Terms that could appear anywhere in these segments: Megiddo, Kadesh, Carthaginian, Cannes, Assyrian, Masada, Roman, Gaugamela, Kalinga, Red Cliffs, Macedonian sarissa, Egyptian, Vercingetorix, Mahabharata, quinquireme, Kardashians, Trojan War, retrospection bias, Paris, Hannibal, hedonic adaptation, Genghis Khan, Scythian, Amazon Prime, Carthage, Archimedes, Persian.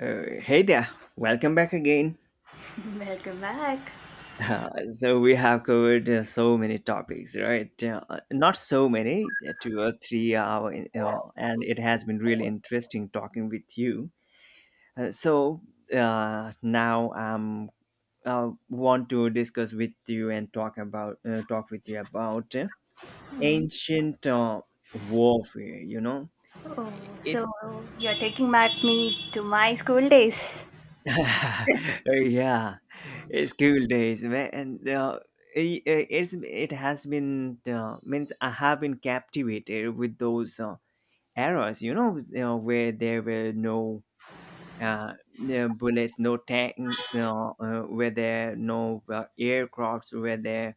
Hey there, welcome back again. Welcome back. So we have covered so many topics, right? Not so many, 2 or 3 hour, and it has been really interesting talking with you. So now I want to discuss with you and talk with you about ancient warfare. You know, Oh, it so you're taking back me to my school days. Yeah, school days, man. And it has been means I have been captivated with those eras. You know, where there were no bullets, no tanks, where there no aircrafts were there,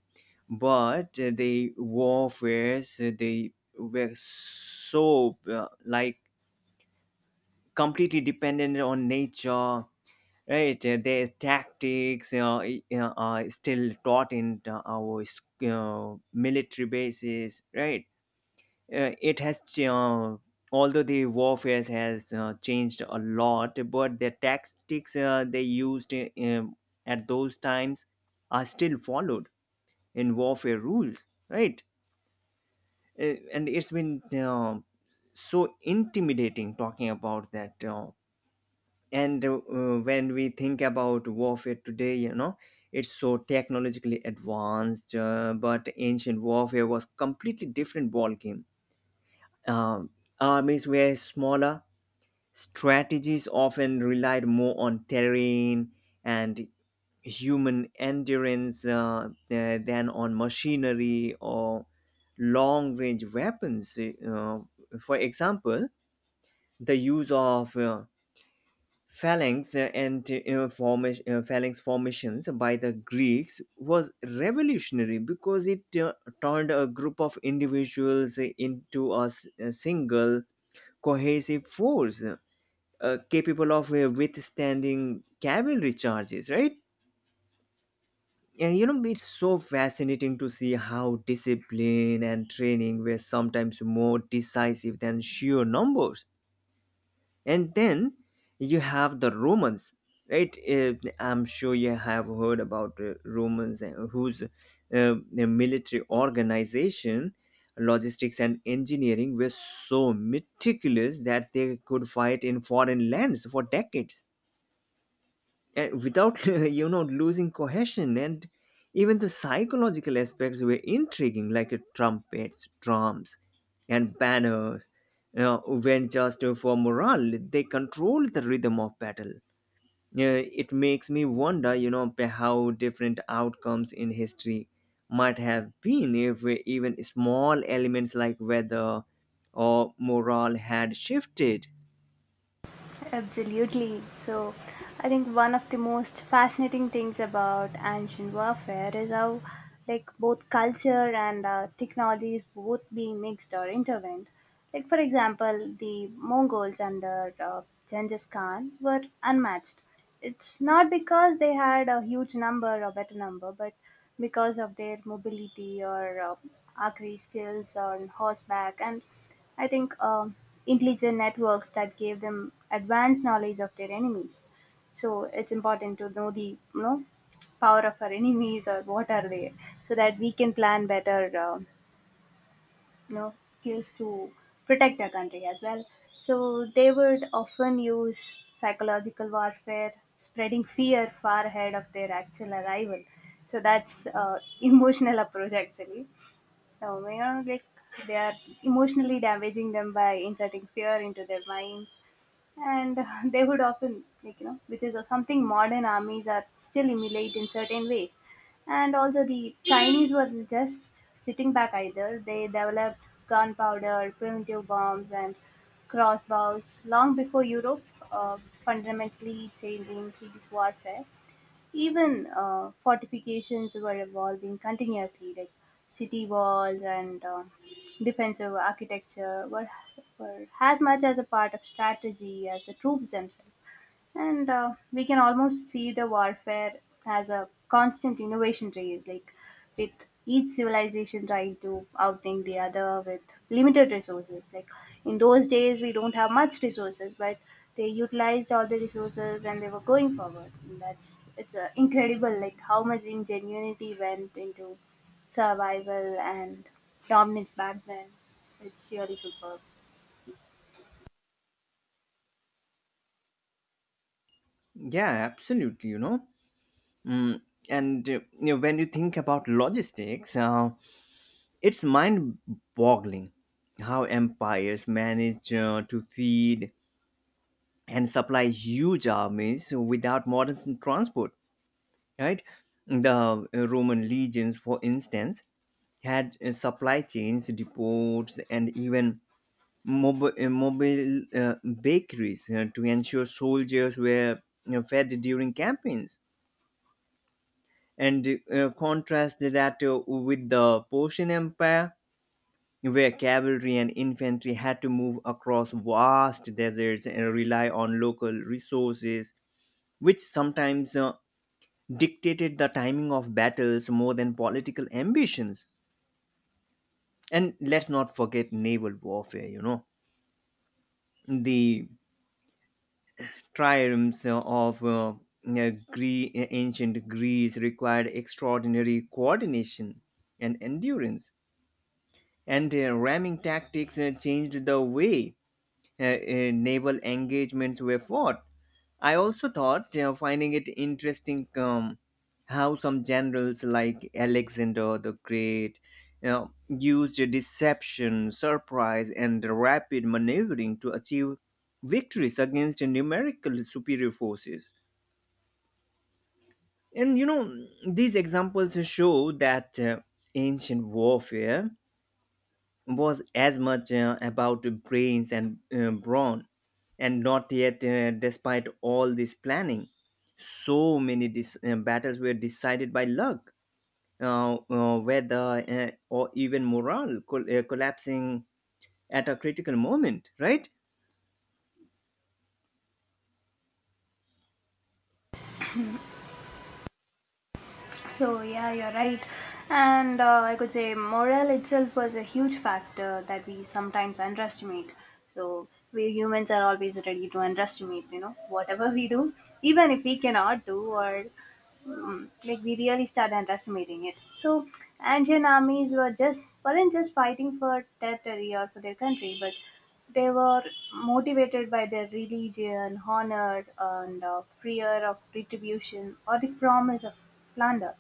but the warfares they were so like completely dependent on nature. Right, their tactics are still taught in our military bases. Right, uh, it has ch- uh, although the warfare has changed a lot, but the tactics they used at those times are still followed in warfare rules. Right, and it's been so intimidating talking about that. And when we think about warfare today, it's so technologically advanced, but ancient warfare was completely different ballgame. um, Armies were smaller. Strategies often relied more on terrain and human endurance than on machinery or long range weapons. For example, the use of phalanx formations by the Greeks was revolutionary because it turned a group of individuals into a single cohesive force, capable of withstanding cavalry charges, right? And you know, it's so fascinating to see how discipline and training were sometimes more decisive than sheer numbers. And then you have the Romans, right? I'm sure you have heard about Romans, whose the military organization, logistics and engineering were so meticulous that they could fight in foreign lands for decades and without losing cohesion. And even the psychological aspects were intriguing, like trumpets, drums and banners, you know, when just for morale they control the rhythm of battle. It makes me wonder, you know, how different outcomes in history might have been if even small elements like weather or morale had shifted. Absolutely. So, I think one of the most fascinating things about ancient warfare is how, like, both culture and technology is both being mixed or intervened. Like, for example, the Mongols under Genghis Khan were unmatched. It's not because they had a huge number or better number, but because of their mobility or archery skills on horseback, and I think intelligent networks that gave them advanced knowledge of their enemies. So it's important to know the, you know, power of our enemies or what are they, so that we can plan better um you know, skills to protect our country as well. So they would often use psychological warfare, spreading fear far ahead of their actual arrival. So that's emotional approach actually. No, may not like they are emotionally damaging them by inserting fear into their minds, and they would often, like, you know, which is something modern armies are still emulate in certain ways, and also the Chinese were just sitting back either. They developed gunpowder, primitive bombs, and crossbows long before Europe, uh, fundamentally changing siege warfare. Even fortifications were evolving continuously, like city walls and defensive architecture were as much as a part of strategy as the troops themselves. And we can almost see the warfare as a constant innovation race, like with each civilization trying to outthink the other with limited resources. Like in those days, we don't have much resources, but they utilized all the resources and they were going forward. And that's, it's incredible, like how much ingenuity went into survival and dominance back then. It's really superb. Yeah, absolutely, you know. Mm. And you know, when you think about logistics, it's mind-boggling how empires manage to feed and supply huge armies without modern transport. Right, the Roman legions, for instance, had supply chains, depots, and even mobile bakeries to ensure soldiers were, fed during campaigns. And contrast that with the Persian Empire, where cavalry and infantry had to move across vast deserts and rely on local resources, which sometimes dictated the timing of battles more than political ambitions. And let's not forget naval warfare, you know, the triumphs of ancient Greece required extraordinary coordination and endurance. And ramming tactics changed the way naval engagements were fought. I also thought, finding it interesting, how some generals like Alexander the Great, you know, used deception, surprise, and rapid maneuvering to achieve victories against numerical superior forces. And you know, these examples show that ancient warfare was as much about the brains and brawn, and not yet, despite all this planning, so many battles were decided by luck, weather, or even morale collapsing at a critical moment, right? So yeah, you're right. And I could say morale itself was a huge factor that we sometimes underestimate. So we humans are always ready to underestimate, you know, whatever we do, even if we cannot do or like, we really start underestimating it. So Andean armies were just weren't just fighting for territory or for their country, but they were motivated by their religion, honor, and fear of retribution or the promise of plunder.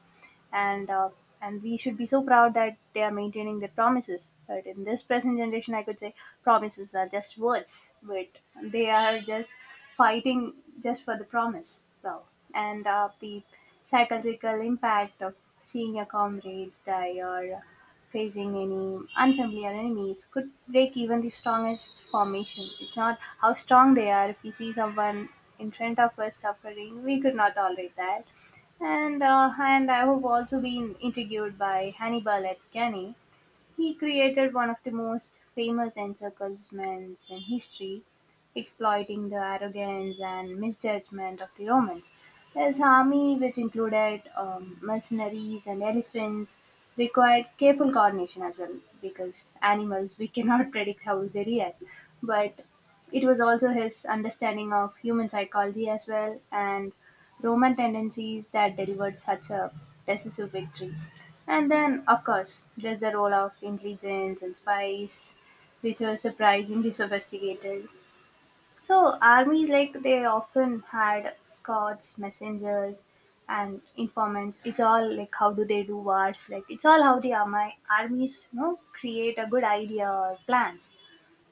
And uh, and we should be so proud that they are maintaining their promises. But in this present generation, I could say promises are just words, but they are just fighting just for the promise. So, and the psychological impact of seeing your comrades die or facing any unfamiliar enemies could break even the strongest formation. It's not how strong they are. If we see someone in front of us suffering, we could not tolerate that. And I have also been intrigued by Hannibal at Cannes. He created one of the most famous encirclements in history, exploiting the arrogance and misjudgment of the Romans. His army, which included mercenaries and elephants, required careful coordination as well because animals we cannot predict how they react. But it was also his understanding of human psychology as well and Roman tendencies that delivered such a decisive victory. And then, of course, there's the role of intelligence and spies, which were surprisingly sophisticated. So, armies like they often had scouts, messengers, and informants. It's all like, how do they do wars? Like, it's all how the army armies you know create a good idea or plans.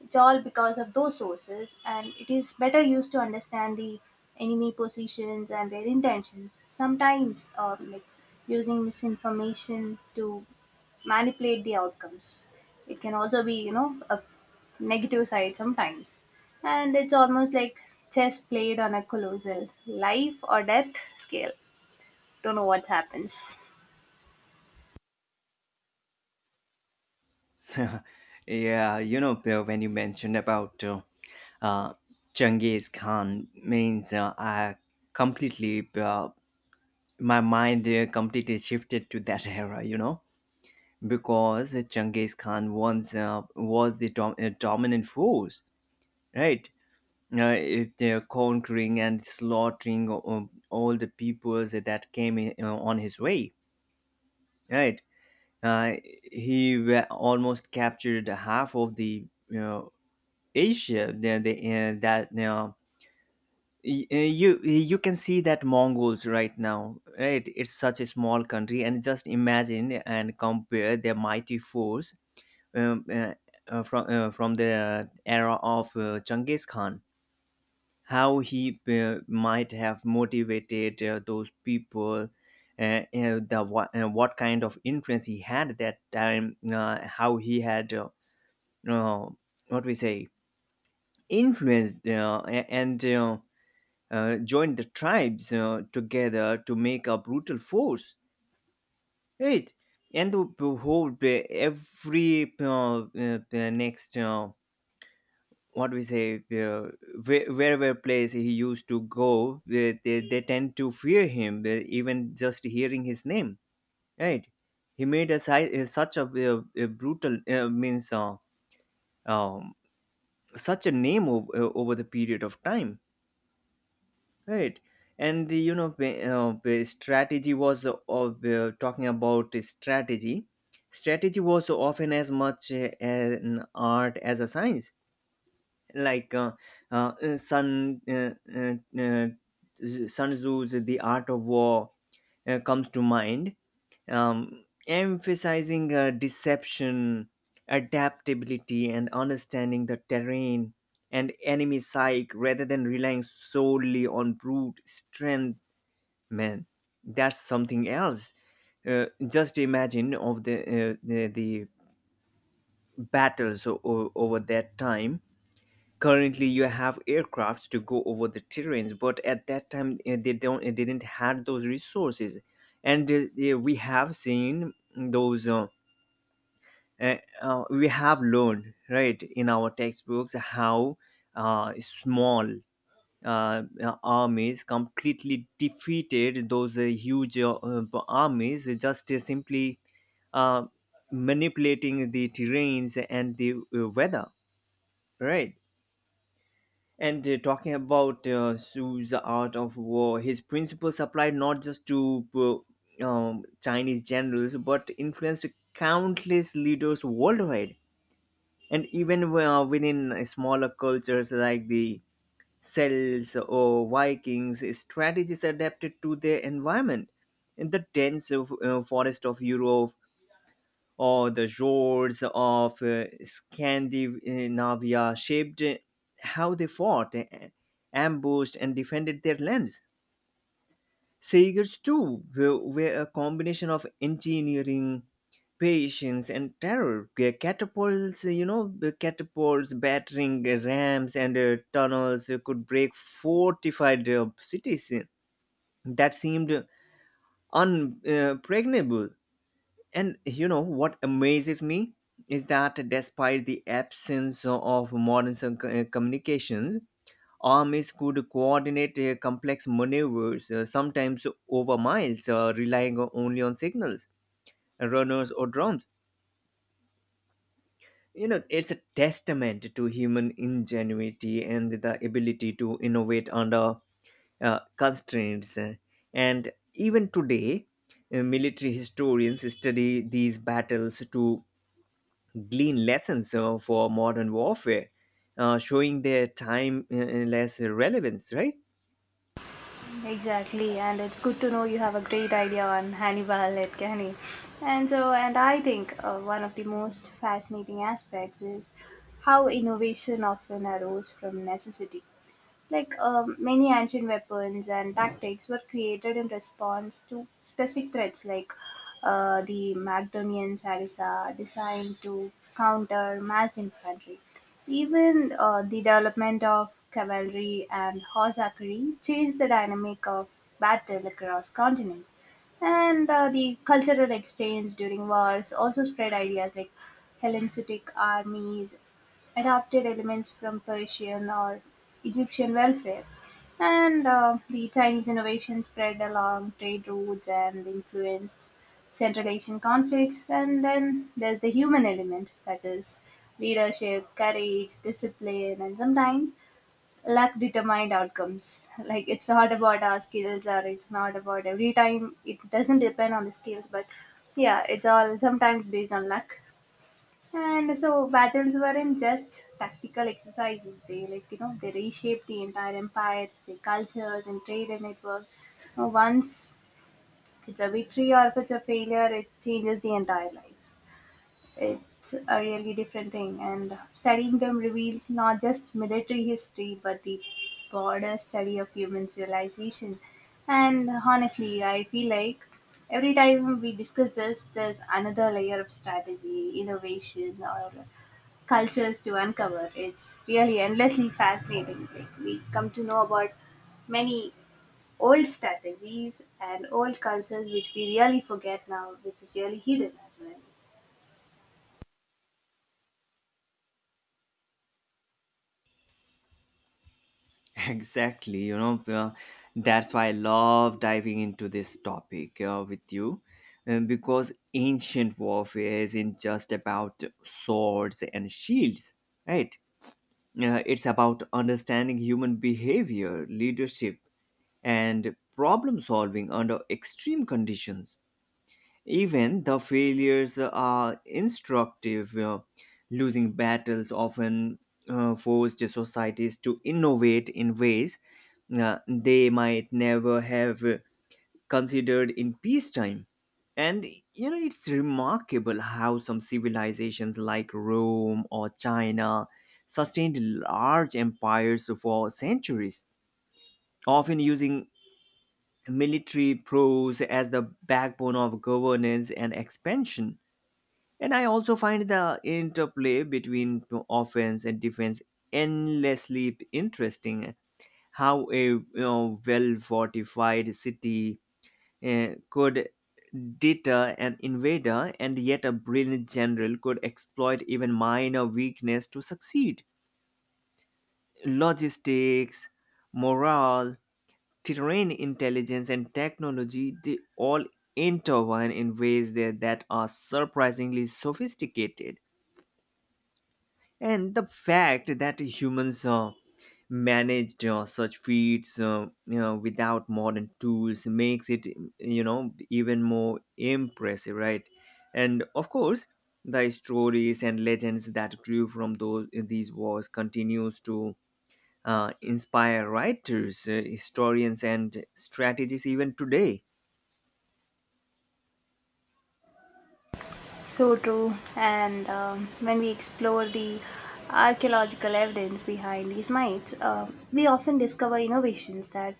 It's all because of those sources, and it is better used to understand the enemy positions and their intentions. Sometimes, like using misinformation to manipulate the outcomes. It can also be, you know, a negative side sometimes. And it's almost like chess played on a colossal life or death scale. Don't know what happens. Yeah, you know, Bill, when you mentioned about uh, Genghis Khan, means I completely my mind completely shifted to that era. You know, because Genghis Khan once was the dominant force, right? If they're conquering and slaughtering, all the peoples that came in, on his way, right? Uh, he almost captured half of the, you know, Asia. The, that you y- you you can see that Mongols right now, right? It's such a small country, and just imagine and compare their mighty force um, uh, from the era of Genghis Khan, how he might have motivated those people, what kind of influence he had at that time, how he had uh, what we say influenced and joined the tribes together to make a brutal force, right? And to hold every next. What we say uh, where- Wherever place he used to go, they tend to fear him, even just hearing his name, right. He made such a brutal, means um, such a name over the period of time, right. And you know, the strategy was of, talking about the strategy, strategy was often as much an art as a science, like uh, uh, Sun uh, uh, uh, Sun Tzu's The Art of War comes to mind, emphasizing deception, adaptability, and understanding the terrain and enemy psyche rather than relying solely on brute strength. Man, that's something else. Just imagine of the battles over that time. Currently you have aircrafts to go over the terrains, but at that time they don't didn't had those resources. And yeah, we have seen those, we have learned, right, in our textbooks how small armies completely defeated those huge armies, just simply uh, manipulating the terrains and the weather, right. And talking about Su's art of war, his principles applied not just to Chinese generals but influenced countless leaders worldwide, and even within smaller cultures like the Celts or Vikings, strategies adapted to their environment. In the dense forest of Europe, or the roads of Scandinavia shaped how they fought, ambushed, and defended their lands. Sailors, too, were a combination of engineering, patience, and terror. Eh, Catapults, you know, eh, catapults, battering rams, and tunnels could break fortified cities that seemed unpregnable. And you know what amazes me is that despite the absence of modern communications, armies could coordinate complex maneuvers, sometimes over miles, relying only on signals, runners, or drums. You know, it's a testament to human ingenuity and the ability to innovate under constraints. And even today, military historians study these battles to glean lessons for modern warfare, showing their time less relevance, right? Exactly, and it's good to know you have a great idea on Hannibal Lecter. And so, and I think one of the most fascinating aspects is how innovation often arose from necessity. Like, many ancient weapons and tactics were created in response to specific threats, like the Macedonian sarissa, designed to counter massed infantry. Even the development of cavalry and horse archery changed the dynamic of battle across continents. And the cultural exchange during wars also spread ideas, like Hellenistic armies adapted elements from Persian or Egyptian welfare, and the Chinese innovation spread along trade routes and influenced Central Asian conflicts. And then there's the human element, that is leadership, courage, discipline, and sometimes luck determined outcomes. Like, it's not about our skills, or it's not about every time, it doesn't depend on the skills, but yeah, it's all sometimes based on luck. And so battles weren't just tactical exercises. They, like, you know, they reshaped the entire empires, the cultures, and trade and networks. Now, once it's a victory or if it's a failure, it changes the entire life. It's a really different thing, and studying them reveals not just military history but the broader study of human civilization. And honestly, I feel like every time we discuss this, there's another layer of strategy, innovation, or cultures to uncover. It's really endlessly fascinating. Like, we come to know about many old strategies and old cultures which we really forget now, which is really hidden as well. Exactly. You know, that's why I love diving into this topic with you. Because ancient warfare isn't just about swords and shields, right? It's about understanding human behavior, leadership, and problem solving under extreme conditions. Even the failures are instructive. Losing battles often forced societies to innovate in ways they might never have considered in peacetime. And you know, it's remarkable how some civilizations like Rome or China sustained large empires for centuries, often using military prowess as the backbone of governance and expansion. And I also find the interplay between offense and defense endlessly interesting. How a, you know, well fortified city could deter an invader, and yet a brilliant general could exploit even minor weakness to succeed. Logistics, morale, terrain intelligence, and technology, they all intertwine in ways that are surprisingly sophisticated. And the fact that humans managed such feats, you know, without modern tools makes it, even more impressive, right? And of course, the stories and legends that grew from those these wars continues to inspire writers, historians, and strategists even today. So true. And when we explore the archaeological evidence behind these mines, we often discover innovations that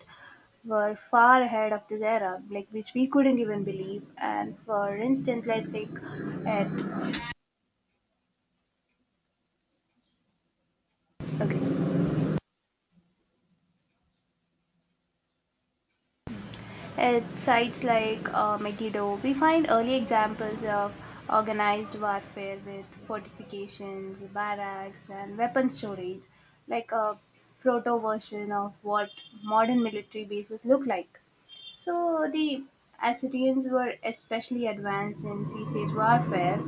were far ahead of this era, like which we couldn't even believe. And for instance, let's take at, okay. At sites like Megiddo, we find early examples of organized warfare with fortifications, barracks, and weapon storage, like a proto version of what modern military bases look like. So the Assyrians were especially advanced in sea siege warfare,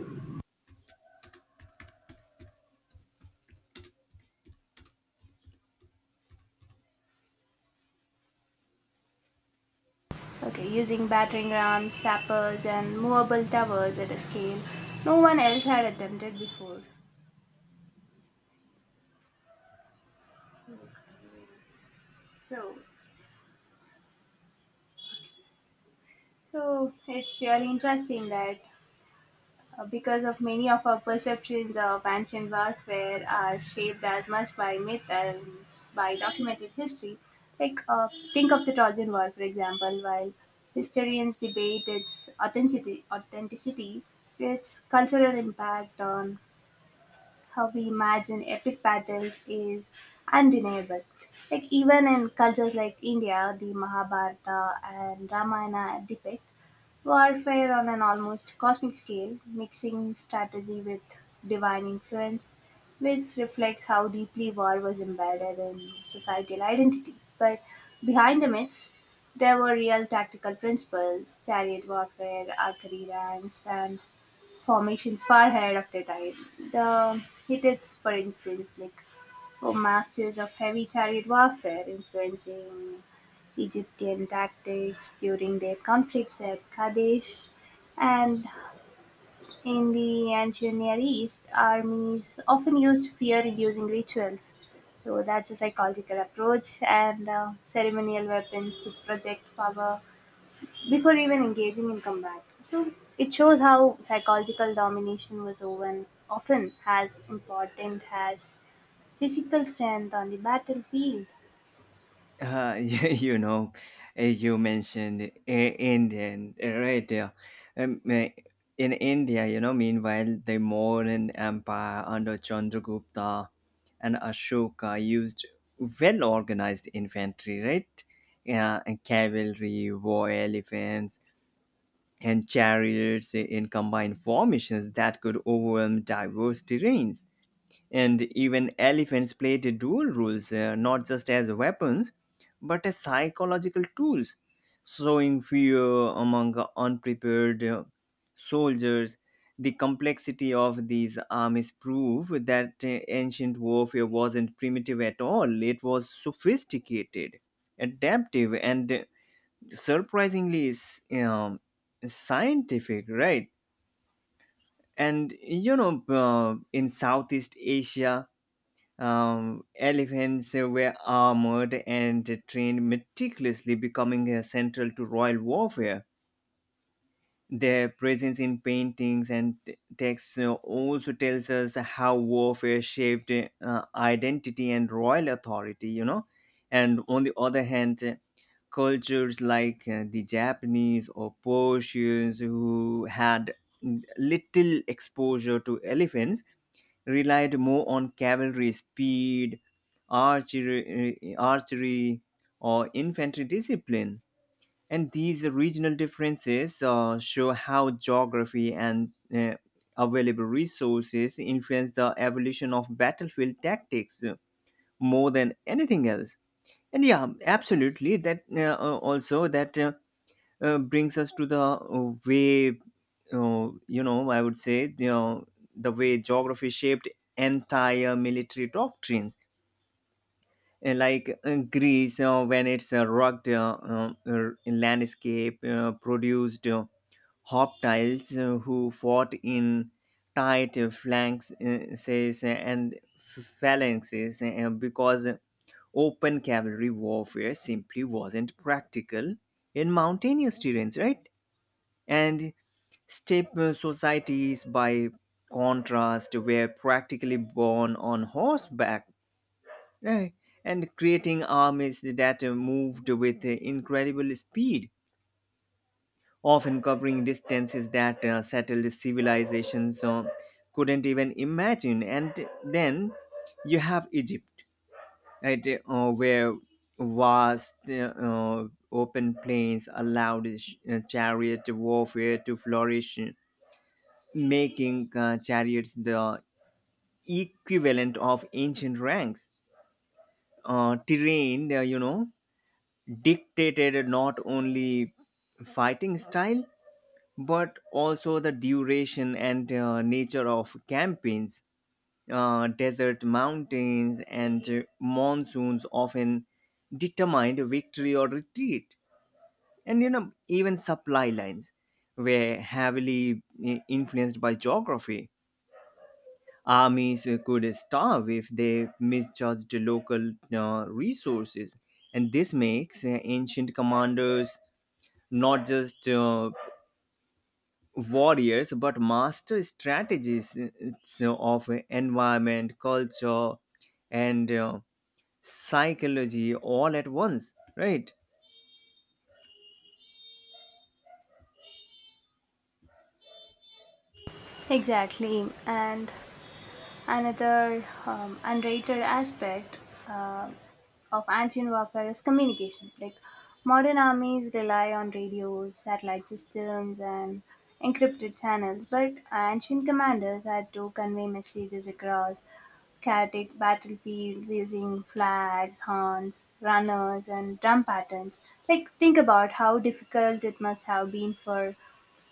okay, using battering rams, sappers, and movable towers at a scale no one else had attempted before. So So it's really interesting that because of many of our perceptions of ancient warfare are shaped as much by myth as by documented history. Like, think of the Trojan War, for example. While historians debate its authenticity, its cultural impact on how we imagine epic battles is undeniable. Like, even in cultures like India, the Mahabharata and Ramayana depict warfare on an almost cosmic scale, mixing strategy with divine influence, which reflects how deeply war was embedded in societal identity. But behind the myths, there were real tactical principles, chariot warfare, archery ranks, and formations far ahead of their time. The Hittites, for instance, like for masters of heavy chariot warfare, influencing Egyptian tactics during their conflicts at Kadesh. And in the ancient Near East, armies often used fear reducing rituals. So that's a psychological approach and ceremonial weapons to project power before even engaging in combat. So it shows how psychological domination was often as important as physical strength on the battlefield. You know, as you mentioned, Indian, right there. Um, uh, in India, you know, meanwhile, the Mauryan Empire under Chandragupta and Ashoka used well organized infantry, right? Yeah, and cavalry, war elephants, and chariots in combined formations that could overwhelm diverse terrains. And even elephants played dual roles, not just as weapons, but as psychological tools, sowing fear among unprepared soldiers. The complexity of these armies prove that ancient warfare wasn't primitive at all, it was sophisticated, adaptive, and surprisingly scientific, right? And you know, in Southeast Asia, elephants were armored and trained meticulously, becoming central to royal warfare. Their presence in paintings and texts also tells us how warfare shaped identity and royal authority, you know. And on the other hand, cultures like the Japanese or Persians, who had little exposure to elephants, relied more on cavalry speed, archery or infantry discipline. And these regional differences show how geography and available resources influence the evolution of battlefield tactics more than anything else. And yeah, absolutely. That also that brings us to the way, you know, I would say, you know, the way geography shaped entire military doctrines. Like Greece, when its rugged landscape produced hoplites who fought in tight flanks, and phalanxes, because open cavalry warfare simply wasn't practical in mountainous terrains, right? And Step societies, by contrast, were practically born on horseback, eh, and creating armies that moved with incredible speed, often covering distances that settled civilizations couldn't even imagine. And then you have Egypt, right, where vast open plains allowed chariot warfare to flourish, making chariots the equivalent of ancient ranks. Terrain, dictated not only fighting style but also the duration and nature of campaigns. Desert mountains and monsoons often determined victory or retreat, and you know, even supply lines were heavily influenced by geography. Armies could starve if they misjudged local resources, and this makes ancient commanders not just warriors but master strategies so of environment, culture, and psychology all at once, right? Exactly, and another underrated aspect uh, of ancient warfare is communication. Like, modern armies rely on radios, satellite systems, and encrypted channels, but ancient commanders had to convey messages across chaotic battlefields using flags, horns, runners, and drum patterns. Like, think about how difficult it must have been for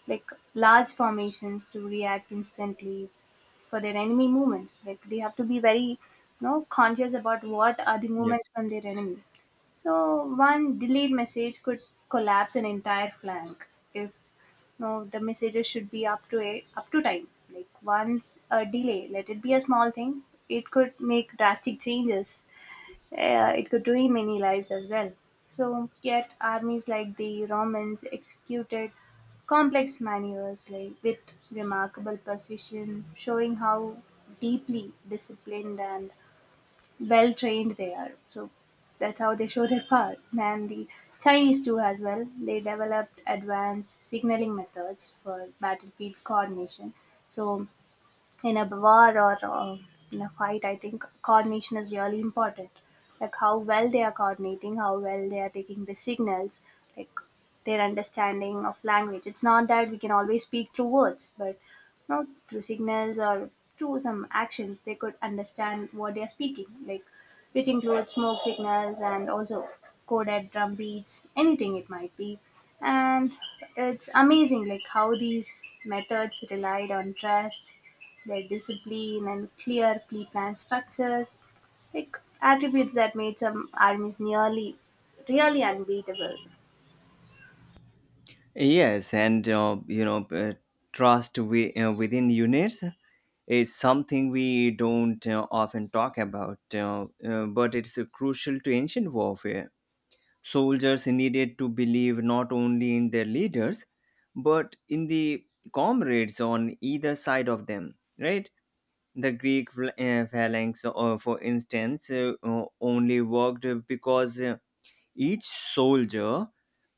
like large formations to react instantly for their enemy movements. Like, they have to be very, you know, conscious about what are the Yep. movements from their enemy. So one delayed message could collapse an entire flank if you know, the messages should be up to a, up to time. Like, once a delay, let it be a small thing, it could make drastic changes. It could ruin many lives as well. So, yet armies like the Romans executed complex maneuvers like with remarkable precision, showing how deeply disciplined and well trained they are. So, that's how they show their power. And the Chinese too as well. They developed advanced signaling methods for battlefield coordination. So in a war or in a fight, I think coordination is really important. Like, how well they are coordinating, how well they are taking the signals, like their understanding of language. It's not that we can always speak through words, but you know, through signals or through some actions, they could understand what they are speaking. Like, which includes smoke signals and also coded drum beats, anything it might be. And it's amazing, like how these methods relied on trust their discipline and clear, pre-planned structures, like attributes that made some armies nearly, really unbeatable. Yes, and trust within units is something we don't often talk about, but it's crucial to ancient warfare. Soldiers needed to believe not only in their leaders, but in the comrades on either side of them, right? The Greek phalanx, for instance, only worked because each soldier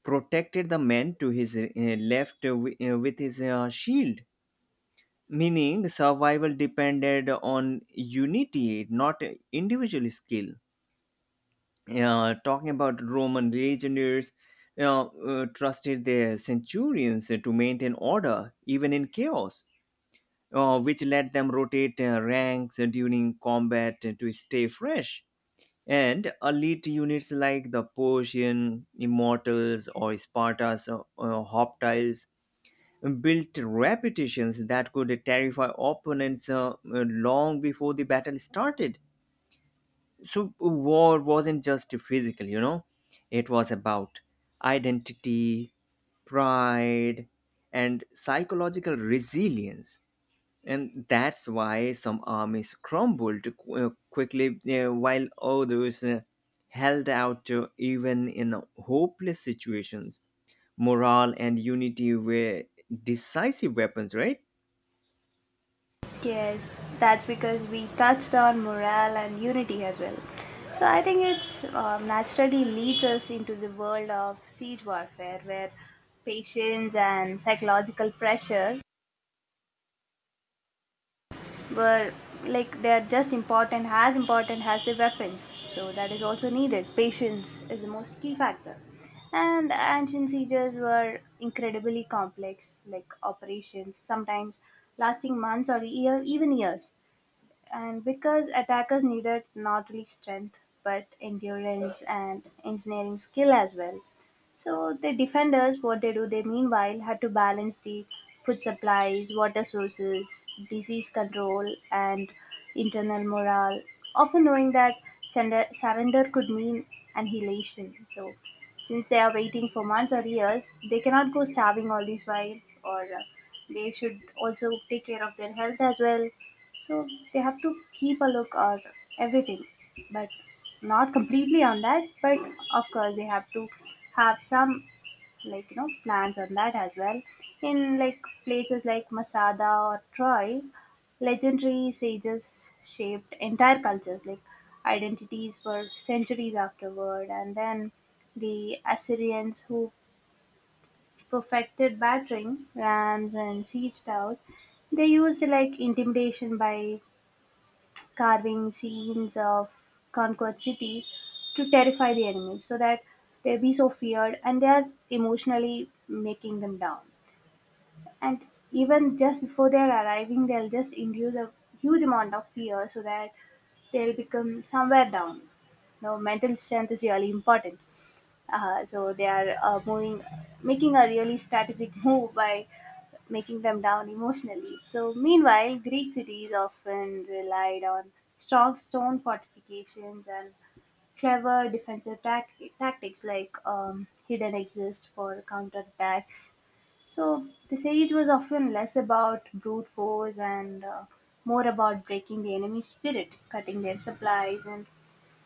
protected the man to his left with his shield, meaning survival depended on unity, not individual skill. Talking about Roman legionaries, you know, trusted their centurions to maintain order even in chaos, which let them rotate ranks during combat to stay fresh, and elite units like the Persian Immortals or Sparta's Hoplites built reputations that could terrify opponents long before the battle started. So, war wasn't just physical, you know, it was about identity, pride, and psychological resilience, and that's why some armies crumbled quickly while others held out even in hopeless situations. Morale and unity were decisive weapons, right? Yes, that's because we touched on morale and unity as well. So I think it's naturally leads us into the world of siege warfare, where patience and psychological pressure were, like, they are just important as the weapons, so that is also needed. Patience is the most key factor, and the ancient sieges were incredibly complex like operations, sometimes lasting months or year, even years, and because attackers needed not only strength but endurance and engineering skill as well. So the defenders, what they do, they meanwhile had to balance the food supplies, water sources, disease control, and internal morale, often knowing that surrender could mean annihilation. So since they are waiting for months or years, they cannot go starving all this while, or they should also take care of their health as well, so they have to keep a look or everything, but not completely on that. But of course, they have to have some plans on that as well. In like places like Masada or Troy, legendary sages shaped entire cultures, like identities for centuries afterward, and then the Assyrians who perfected battering rams and siege towers. They used like intimidation by carving scenes of conquered cities to terrify the enemies so that they be so feared and they are emotionally making them down. And even just before they're arriving, they'll just induce a huge amount of fear so that they'll become somewhere down. Now, mental strength is really important. So they are moving, making a really strategic move by making them down emotionally. So meanwhile, Greek cities often relied on strong stone fortifications and clever tactics like hidden exist for counterattacks. So the siege was often less about brute force and more about breaking the enemy's spirit, cutting their supplies, and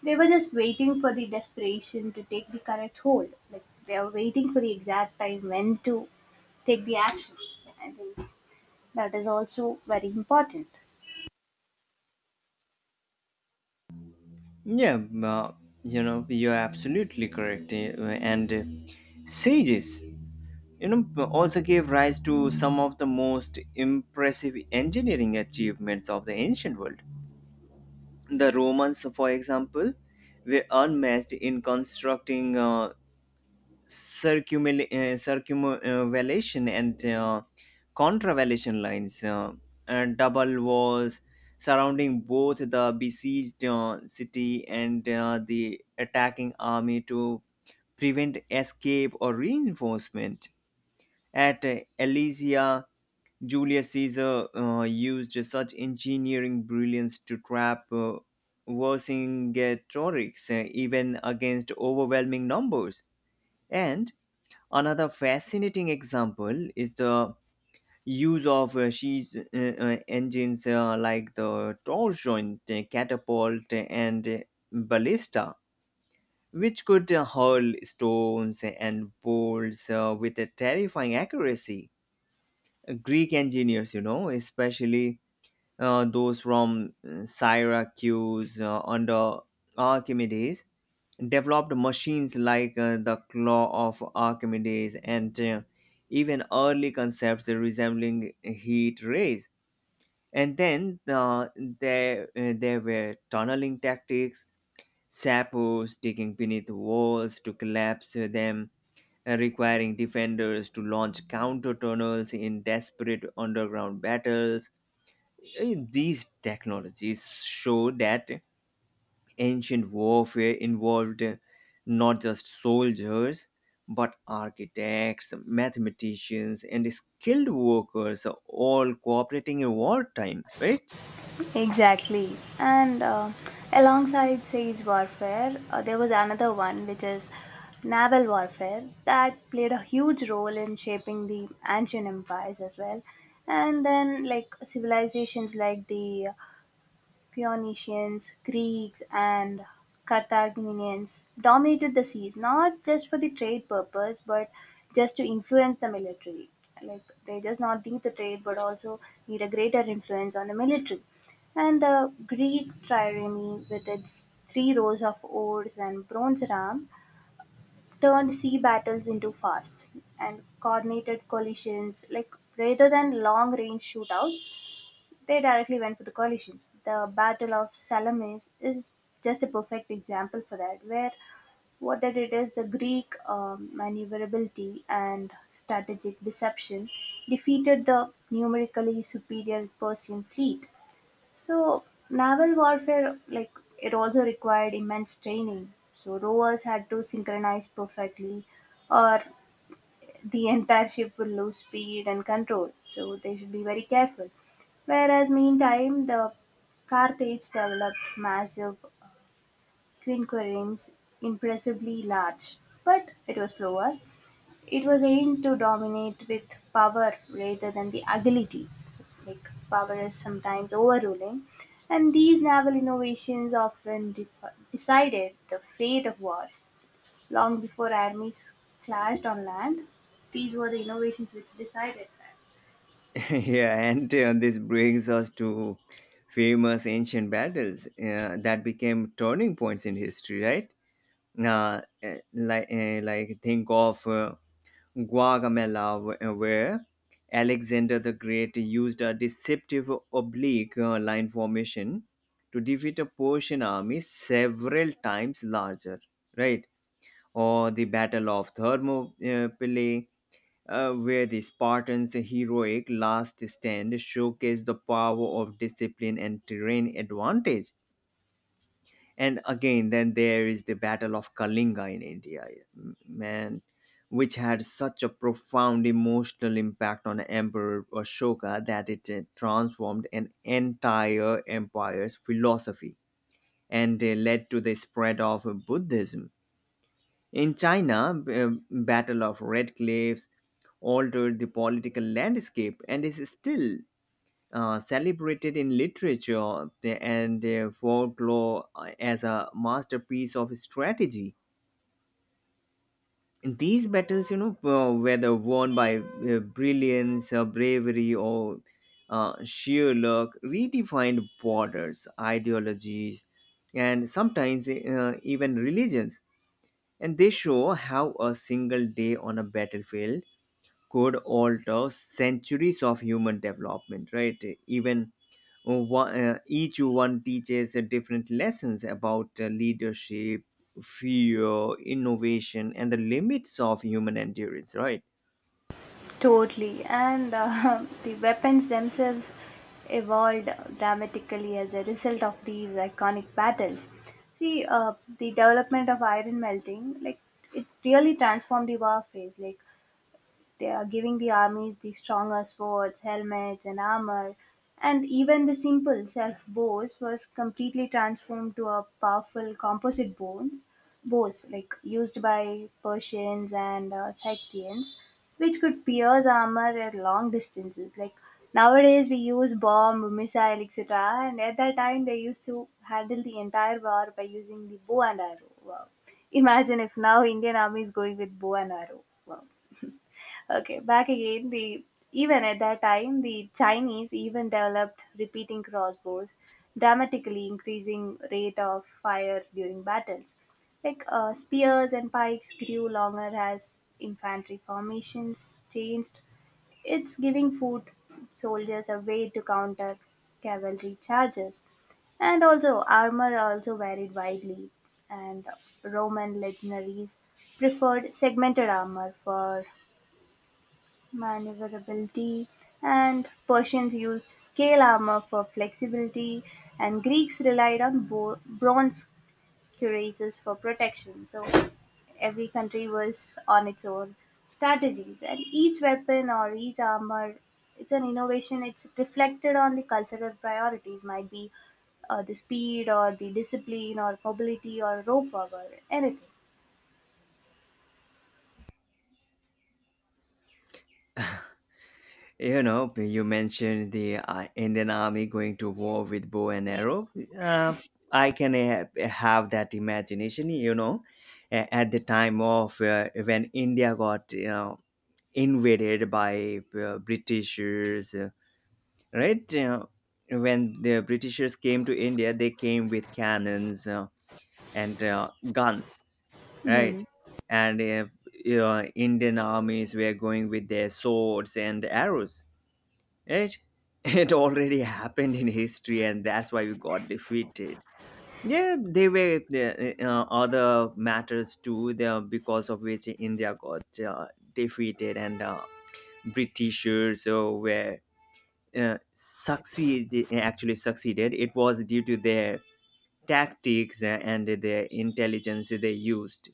they were just waiting for the desperation to take the correct hold. Like they were waiting for the exact time when to take the action. I think that is also very important. Yeah, you're absolutely correct, and sages, you know, also gave rise to some of the most impressive engineering achievements of the ancient world. The Romans, for example, were unmatched in constructing circumvallation and contravallation lines, and double walls surrounding both the besieged city and the attacking army to prevent escape or reinforcement at Elysia. Julius Caesar used such engineering brilliance to trap Vercingetorix even against overwhelming numbers. And another fascinating example is the use of siege engines like the torsion, catapult, and ballista, which could hurl stones and bolts with a terrifying accuracy. Greek engineers, you know, especially those from Syracuse under Archimedes, developed machines like the claw of Archimedes and even early concepts resembling heat rays. And then there were tunneling tactics, sappers digging beneath walls to collapse them, requiring defenders to launch counter tunnels in desperate underground battles. These technologies show that ancient warfare involved not just soldiers but architects, mathematicians, and skilled workers all cooperating in wartime, right? Exactly. And alongside siege warfare, there was another one which is naval warfare that played a huge role in shaping the ancient empires as well. And then, like civilizations like the Phoenicians, Greeks, and Carthaginians dominated the seas not just for the trade purpose but just to influence the military. Like they just not need the trade but also need a greater influence on the military. And the Greek trireme, with its three rows of oars and bronze ram, turned sea battles into fast and coordinated collisions, like rather than long range shootouts, they directly went for the coalitions. The Battle of Salamis is just a perfect example for that, where what they did is the Greek maneuverability and strategic deception defeated the numerically superior Persian fleet. So, naval warfare, like, it also required immense training. So, rowers had to synchronize perfectly or the entire ship will lose speed and control, so they should be very careful. Whereas, meantime, the Carthage developed massive quinquiremes, impressively large, but it was slower. It was aimed to dominate with power rather than the agility. Like power is sometimes overruling, and these naval innovations decided the fate of wars. Long before armies clashed on land, these were the innovations which decided that. Yeah, and this brings us to famous ancient battles that became turning points in history, right? Like think of Guagamela, where Alexander the Great used a deceptive oblique line formation to defeat a Persian army several times larger, right? Or the Battle of Thermopylae, where the Spartans' heroic last stand showcased the power of discipline and terrain advantage. And again, then there is the Battle of Kalinga in India, man, which had such a profound emotional impact on Emperor Ashoka that it transformed an entire empire's philosophy and led to the spread of Buddhism. In China, b- uh, Battle of Red Cliffs altered the political landscape and is still celebrated in literature and folklore as a masterpiece of strategy. These battles, you know, whether won by brilliance, bravery, or sheer luck, redefined borders, ideologies, and sometimes even religions. And they show how a single day on a battlefield could alter centuries of human development, right? Even one, each one teaches different lessons about leadership, fear, innovation, and the limits of human endurance, right? Totally. And the weapons themselves evolved dramatically as a result of these iconic battles. See, the development of iron melting, like, it really transformed the war phase. Like, they are giving the armies the stronger swords, helmets, and armor, and even the simple self bows was completely transformed to a powerful bows like used by Persians and Scythians, which could pierce armor at long distances. Like nowadays, we use bomb, missile, etc., and at that time they used to handle the entire war by using the bow and arrow. Wow. Imagine if now Indian army is going with bow and arrow. Wow. Okay, back again. The even at that time, the Chinese even developed repeating crossbows, dramatically increasing rate of fire during battles. Like spears and pikes grew longer as infantry formations changed. It's giving foot soldiers a way to counter cavalry charges, and also armor also varied widely. And Roman legionaries preferred segmented armor for maneuverability, and Persians used scale armor for flexibility, and Greeks relied on bronze cuirasses for protection. So every country was on its own strategies, and each weapon or each armor, it's an innovation. It's reflected on the cultural priorities, might be the speed or the discipline or mobility or rope power, anything. You know, you mentioned the Indian army going to war with bow and arrow. Uh, I can have that imagination, you know, at the time of when India got, you know, invaded by Britishers, right? When the Britishers came to India, they came with cannons and guns, Hmm. right? And Indian armies were going with their swords and arrows, right? It already happened in history, and that's why we got defeated. Yeah, they were other matters too, the, because of which India got defeated and Britishers were succeed actually succeeded. It was due to their tactics and their intelligence they used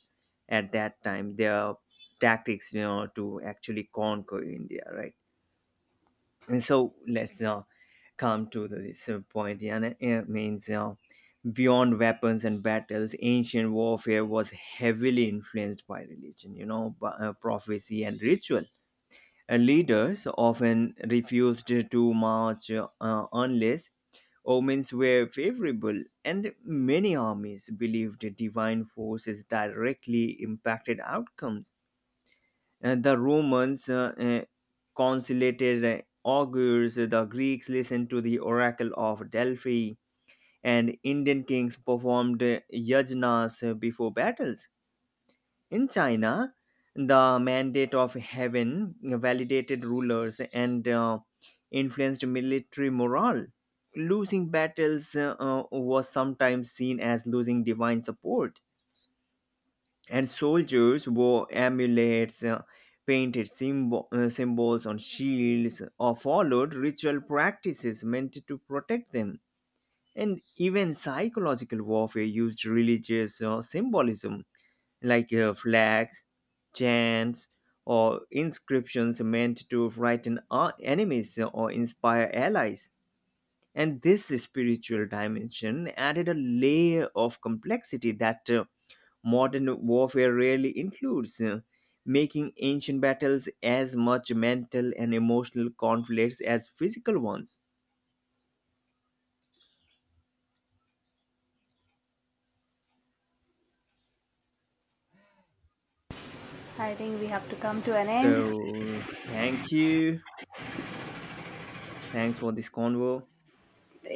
at that time. Their tactics, you know, to actually conquer India, right? And so let's come to this point. Yeah, and it means beyond weapons and battles, ancient warfare was heavily influenced by religion, you know, by, prophecy and ritual. Leaders often refused to march unless omens were favorable, and many armies believed divine forces directly impacted outcomes. And the Romans consulted augurs, the Greeks listened to the oracle of Delphi, and Indian kings performed yajnas before battles. In China, the mandate of heaven validated rulers and influenced military morale. Losing battles was sometimes seen as losing divine support, and soldiers wore amulets, painted symbols on shields, or followed ritual practices meant to protect them. And even psychological warfare used religious symbolism like flags, chants, or inscriptions meant to frighten our enemies or inspire allies. And this spiritual dimension added a layer of complexity that modern warfare rarely includes, making ancient battles as much mental and emotional conflicts as physical ones. I think we have to come to an end. So, thank you. Thanks for this convo. It